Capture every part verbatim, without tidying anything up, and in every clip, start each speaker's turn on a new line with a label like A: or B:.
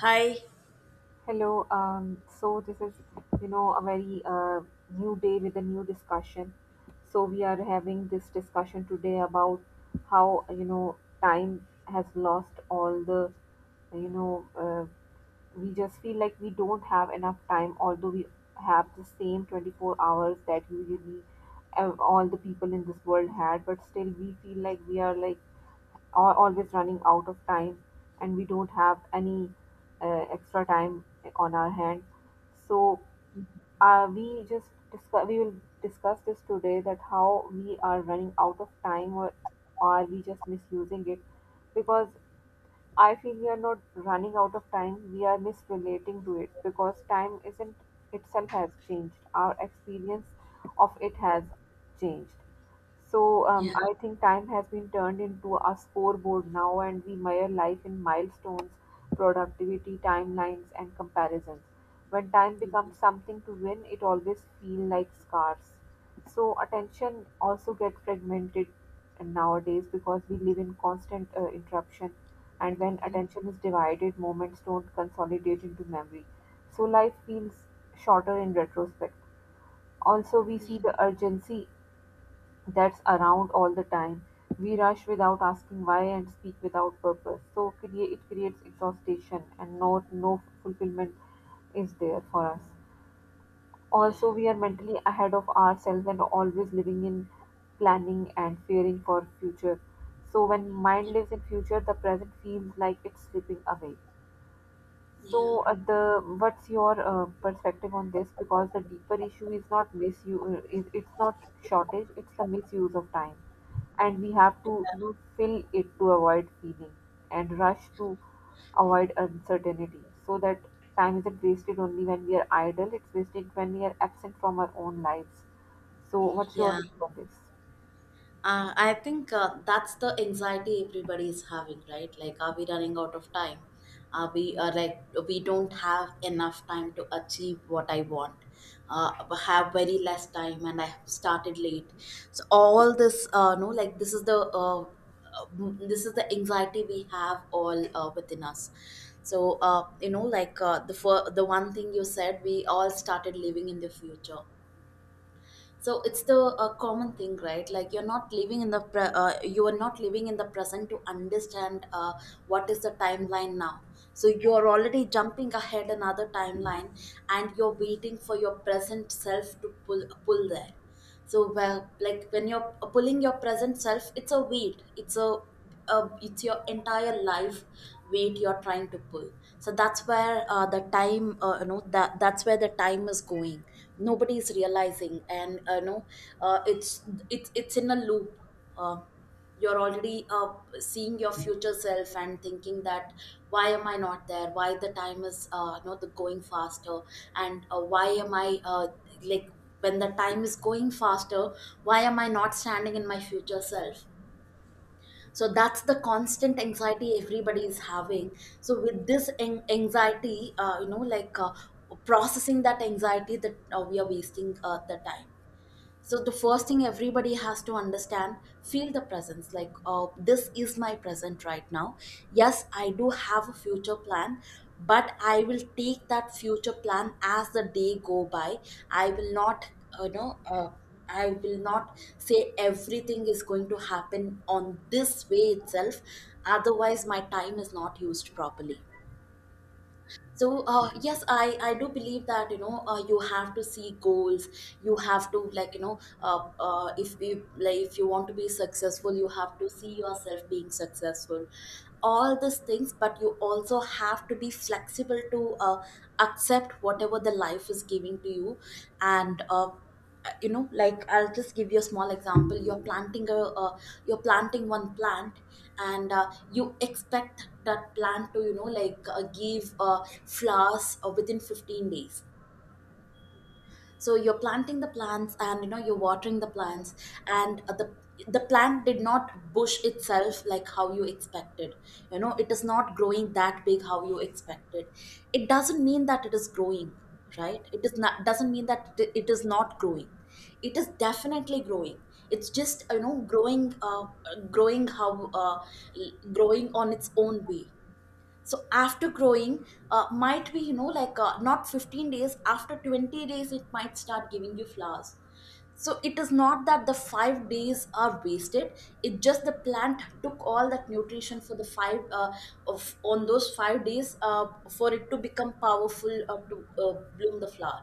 A: Hi.
B: Hello. Um, so this is, you know, a very uh, new day with a new discussion. So we are having this discussion today about how, you know, time has lost all the, you know, uh, we just feel like we don't have enough time, although we have the same twenty-four hours that usually uh, all the people in this world had, but still we feel like we are like are always running out of time, and we don't have any uh, extra time on our hand. So uh, we just discuss we will discuss this today, that how we are running out of time, or are we just misusing it? Because I feel we are not running out of time, we are misrelating to it, because time isn't itself has changed. Our experience of it has changed. So um,
A: Yeah.
B: I think time has been turned into a scoreboard now, and we measure life in milestones, productivity, timelines, and comparisons. When time becomes something to win, it always feels like scarce. So attention also get fragmented nowadays, because we live in constant uh, interruption, and when
A: Mhm.
B: attention is divided, moments don't consolidate into memory. So life feels shorter in retrospect. Also, we see
A: Yeah.
B: the urgency that's around all the time. We rush without asking why and speak without purpose. So crea- it creates exhaustion, and no, no fulfillment is there for us.
A: Yeah.
B: Also, we are mentally ahead of ourselves and always living in planning and fearing for future. So when mind lives in future, the present feels like it's slipping away.
A: Yeah.
B: So, uh, the what's your uh, perspective on this? Because the deeper issue is not misuse, uh, is it's not shortage, it's the misuse of time, and we have to you know fill it to avoid feeling and rush to avoid uncertainty. So that time isn't wasted only when we are idle; it's wasted when we are absent from our own lives. So, what's your
A: Yeah.
B: take on this?
A: Uh, I think uh, that's the anxiety everybody is having, right? Like, are we running out of time? Are we uh, like we don't have enough time to achieve what I want? Uh, I have very less time, and I have started late. So all this, uh, no, like this is the uh, uh, this is the anxiety we have all uh, within us. So uh, you know, like uh, the fir- the one thing you said, we all started living in the future, so it's the a common thing, right? Like you're not living in the pre- uh, you are not living in the present to understand uh, what is the timeline now. So you're already jumping ahead another timeline, and you're waiting for your present self to pull pull there. So well, like when you're uh, pulling your present self, it's a weight, it's a uh, it's your entire life weight you're trying to pull. So that's where uh, the time uh, you know that that's where the time is going. Nobody's realizing, and uh, you know uh, it's it's it's in a loop. uh, you're already uh, seeing your future self and thinking that why am I not there, why the time is uh, not the going faster, and uh, why am I uh, like when the time is going faster, why am I not standing in my future self? So that's the constant anxiety everybody is having. So with this an- anxiety, uh, you know like uh, processing that anxiety that uh, we are wasting uh, the time. So the first thing everybody has to understand, feel the presence, like uh, this is my present right now. Yes, I do have a future plan, but I will take that future plan as the day go by. I will not uh, you know uh, I will not say everything is going to happen on this way itself, otherwise my time is not used properly. So uh, yes, i i do believe that, you know, uh, you have to see goals. You have to, like, you know, uh, uh, if you like, if you want to be successful, you have to see yourself being successful, all these things. But you also have to be flexible to uh, accept whatever the life is giving to you. And uh, uh, you know, like, I'll just give you a small example. You're planting a uh, you're planting one plant, and uh, you expect that plant to, you know, like, uh, give uh, flowers uh, within 15 days. So you're planting the plants, and you know, you're watering the plants, and uh, the the plant did not bush itself like how you expected. You know, it is not growing that big how you expected. It doesn't mean that it is growing, right? It is not doesn't mean that it it is not growing. It is definitely growing. It's just, you know, growing uh, growing how uh, growing on its own way. So after growing, uh, might be, you know, like, uh, not 15 days, after 20 days it might start giving you flowers. So it is not that the five days are wasted. It just the plant took all that nutrition for the five uh, of on those five days, uh, for it to become powerful uh, to uh, bloom the flower.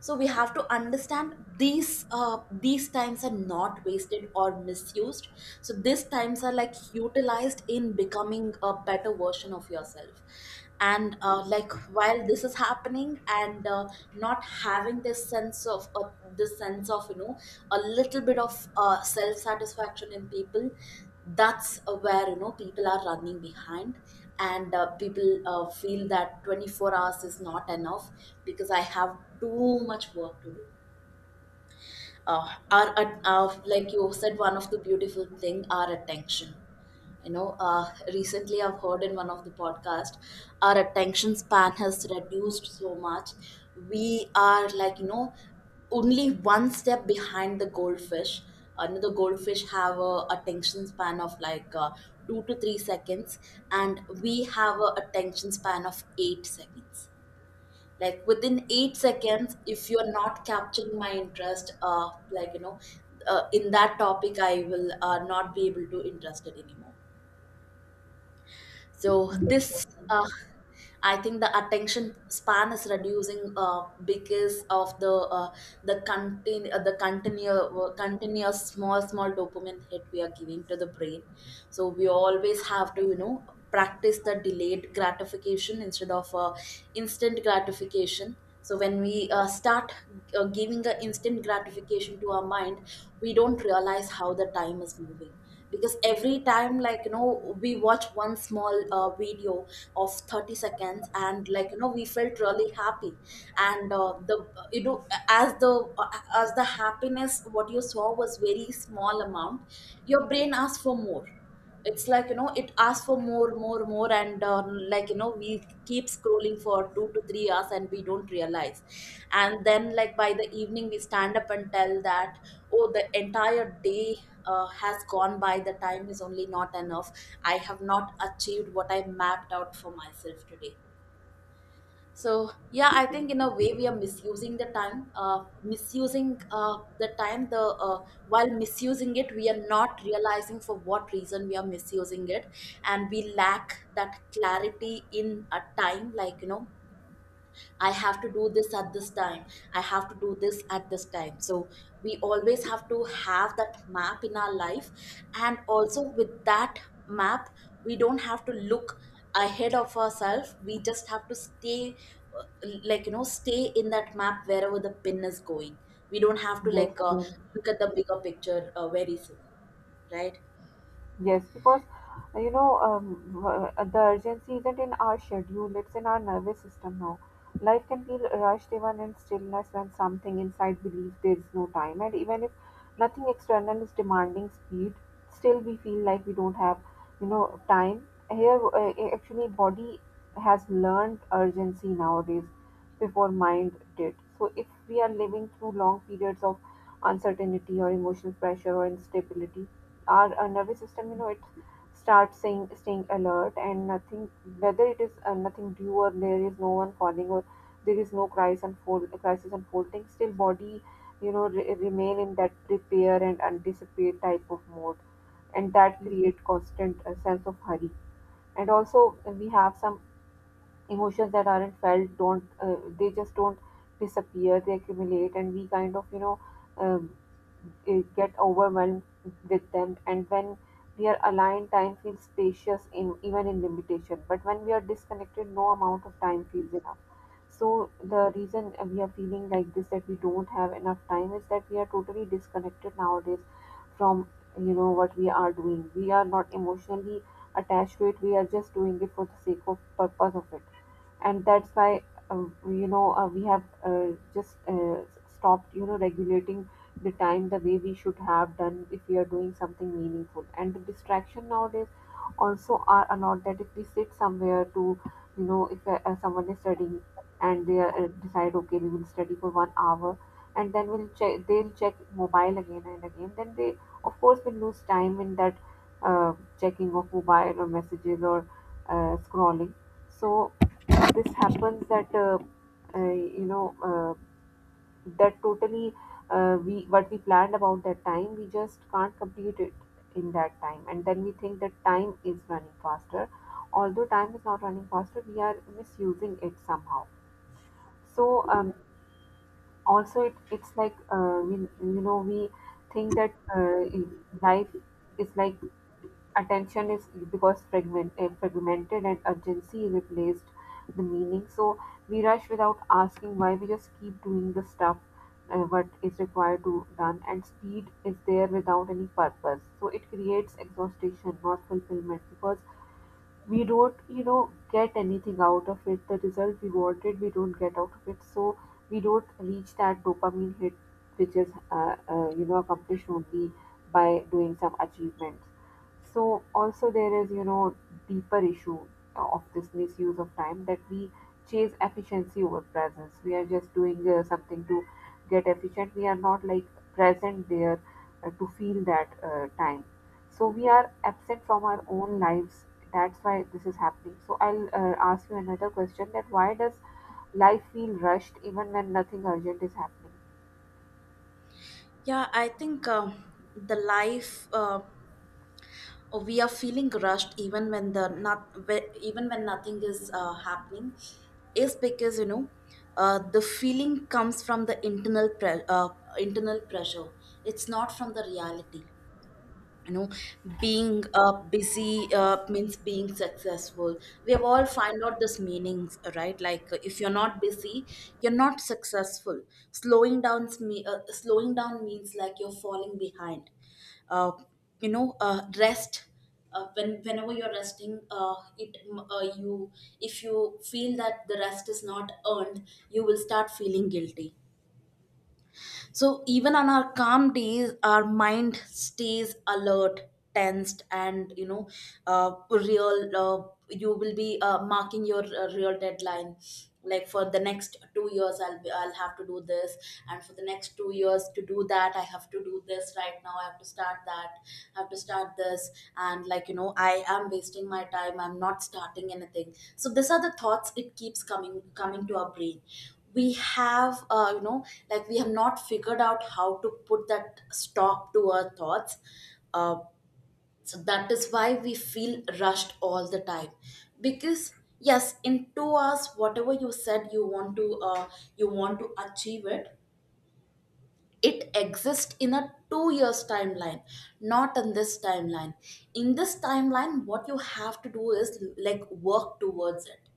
A: So we have to understand these uh, these times are not wasted or misused. So these times are like utilized in becoming a better version of yourself. And uh, like while this is happening, and uh, not having this sense of uh, this sense of, you know, a little bit of uh, self satisfaction in people, that's uh, where, you know, people are running behind, and uh, people uh, feel that 24 hours is not enough because I have too much work to do. Uh, our, at- uh, like you said, one of the beautiful thing, our attention. You know, uh, recently I've heard in one of the podcast, our attention span has reduced so much. We are, like, you know, only one step behind the goldfish. Uh, you know, the goldfish have a attention span of like uh, two to three seconds, and we have a attention span of eight seconds. Like within eight seconds, if you're not capturing my interest, uh like, you know, uh, in that topic, I will uh, not be able to interested anymore. So this uh, I think the attention span is reducing uh, because of the uh, the continu- uh, the continuous continuous small small dopamine hit we are giving to the brain. So we always have to, you know, practice the delayed gratification instead of uh, instant gratification. So when we uh, start uh, giving the instant gratification to our mind, we don't realize how the time is moving. Because every time, like, you know, we watch one small uh, video of thirty seconds, and like, you know, we felt really happy. And uh, the you know, as the uh, as the happiness what you saw was very small amount, your brain asks for more. It's like, you know, it asks for more, more, more, and uh, like, you know, we keep scrolling for two to three hours and we don't realize. And then like by the evening we stand up and tell that, oh, the entire day uh, has gone by, the time is only not enough, I have not achieved what I mapped out for myself today. So yeah, I think in a way we are misusing the time, uh, misusing uh, the time the uh, while misusing it we are not realizing for what reason we are misusing it, and we lack that clarity in a time. Like, you know, I have to do this at this time. I have to do this at this time. So we always have to have that map in our life. And also with that map, we don't have to look ahead of ourselves. We just have to stay, uh, like, you know, stay in that map wherever the pin is going. We don't have to,
B: Yes.
A: like, uh,
B: Yes.
A: look at the bigger picture uh, very soon, right?
B: Yes, because uh, you know um, w- uh, the urgency isn't in our schedule; it's in our nervous system now. Life can feel rushed even in stillness when something inside believes there is no time, and even if nothing external is demanding speed, still we feel like we don't have you know time. Here, uh, a- actually, body has learned urgency nowadays before mind did. So, if we are living through long periods of uncertainty or emotional pressure or instability, our, our nervous system, you know it starts saying staying alert, and nothing, whether it is uh, nothing due, or there is no one falling, or there is no crisis unfold crisis unfolding, still body, you know re- remain in that prepare and anticipate type of mode. And that create constant uh, sense of hurry. And also uh, we have some emotions that aren't felt, don't uh, they just don't disappear, they accumulate, and we kind of you know uh, get overwhelmed with them. And when we are aligned, time feels spacious in even in limitation, but when we are disconnected, no amount of time feels enough. So the reason we are feeling like this, that we don't have enough time, is that we are totally disconnected nowadays from you know what we are doing. We are not emotionally attached to it, we are just doing it for the sake of purpose of it. And that's why um, you know uh, we have uh, just uh, stopped you know regulating the time the way we should have done, if we are doing something meaningful. And the distraction nowadays also are a lot, that if we sit somewhere to, you know if uh, uh, someone is studying and they uh, decide okay we will study for one hour, and then we'll check they'll check mobile again and again, then they of course will lose time in that uh, checking of mobile or messages or uh, scrolling. So this happens that uh, uh, you know uh, that totally, uh, we what we planned about that time, we just can't complete it in that time. And then we think that time is running faster, although time is not running faster, we are misusing it somehow. So um, also, it, it's like uh, we you know we think that uh, life is like attention is, because fragment, uh, fragmented, and urgency replaced the meaning. So we rush without asking why, we just keep doing the stuff uh, what is required to done, and speed is there without any purpose. So it creates exhaustion, not fulfillment, because we don't you know get anything out of it, the result we wanted we don't get out of it. So we don't reach that dopamine hit, which is uh, uh, you know accomplished only by doing some achievements. So also there is, you know deeper issue of this misuse of time, that we chase efficiency over presence. We are just doing uh, something to get efficient, we are not like present there, uh, to feel that uh, time. So we are absent from our own lives, that's why this is happening. So I'll uh, ask you another question, that why does life feel rushed even when nothing urgent is happening?
A: Yeah, I think um, the life. Uh, Or we are feeling rushed even when the not whe- even when nothing is uh, happening is because, you know, uh, the feeling comes from the internal pre- uh, internal pressure. It's not from the reality. You know, being uh, busy uh, means being successful. We have all find out this meanings, right? Like, uh, if you're not busy, you're not successful. Slowing down me uh, slowing down means like you're falling behind. uh, you know uh, Rest, uh, when whenever you're resting, uh, it mm, uh, you if you feel that the rest is not earned, you will start feeling guilty. So even on our calm days, our mind stays alert, tensed, and you know, uh, real. Uh, you will be uh, marking your uh, real deadline. Like for the next two years, I'll be, I'll have to do this, and for the next two years to do that, I have to do this right now. I have to start that. I have to start this, and like, you know, I am wasting my time. I'm not starting anything. So these are the thoughts it keeps coming coming to our brain. We have uh, you know like we have not figured out how to put that stop to our thoughts, uh, so that is why we feel rushed all the time. Because yes, in two hours whatever you said you want to uh, you want to achieve it, it exists in a two years timeline, not in this timeline. In this timeline what you have to do is like work towards it.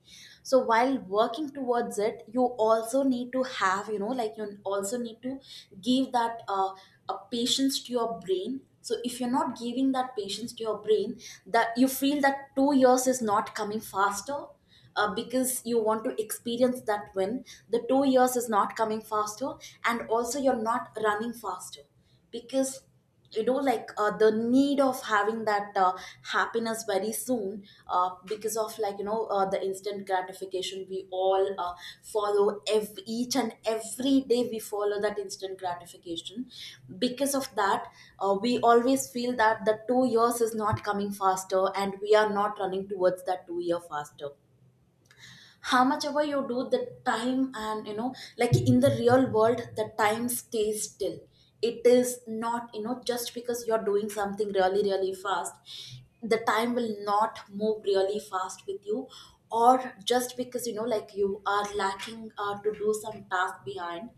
A: So while working towards it, you also need to have, you know, like, you also need to give that uh, a patience to your brain. So if you're not giving that patience to your brain, that you feel that two years is not coming faster, uh, because you want to experience that win. The two years is not coming faster, and also you're not running faster because, you know, like, uh, the need of having that uh, happiness very soon, uh, because of, like, you know, uh, the instant gratification we all uh, follow ev- each and every day we follow that instant gratification. Because of that uh, we always feel that the two years is not coming faster and we are not running towards that two year faster. How much ever you do the time, and you know, like, in the real world the time stays still. It is not, you know, just because you're doing something really really fast, the time will not move really fast with you. Or just because, you know, like, you are lacking uh, to do some task behind,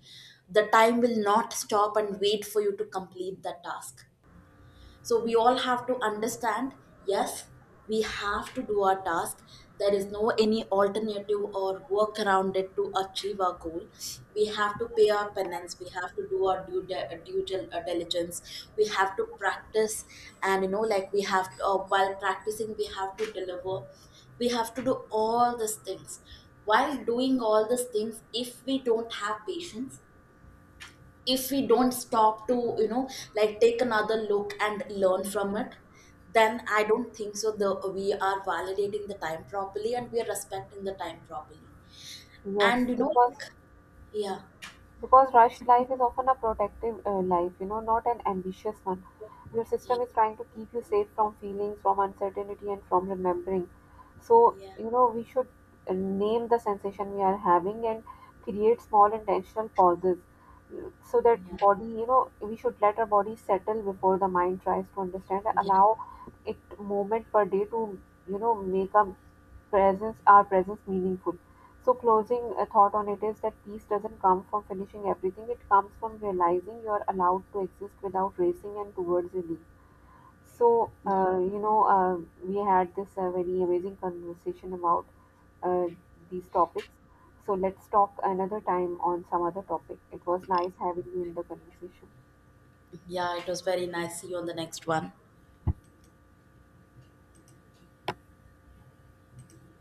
A: the time will not stop and wait for you to complete the task. So we all have to understand, yes, we have to do our task. There is no any alternative or work around it to achieve our goal. We have to pay our penance. We have to do our due, de- due dil- uh, diligence. We have to practice, and you know, like, we have to, uh, while practicing, we have to deliver. We have to do all these things. While doing all these things, if we don't have patience, if we don't stop to, you know, like take another look and learn from it, then I don't think so the we are validating the time properly and we are respecting the time properly.
B: Yes,
A: And you know, like,
B: because
A: yeah.
B: because rushed life is often a protective uh, life, you know not an ambitious one. Your
A: Yeah.
B: system is trying to keep you safe from feelings, from uncertainty, and from remembering. So,
A: Yeah.
B: you know we should uh, name the sensation we are having and create small intentional pauses, mm, so that
A: Yeah,
B: body, you know we should let our body settle before the mind tries to understand.
A: yeah,
B: Allow it moment per day to, you know make our presence our presence meaningful. So closing a thought on it is that peace doesn't come from finishing everything, it comes from realizing you're allowed to exist without racing and towards relief. So uh, you know uh, we had this uh, very amazing conversation about uh, these topics. So let's talk another time on some other topic. It was nice having you in the conversation.
A: yeah it was very nice. See you on the next one.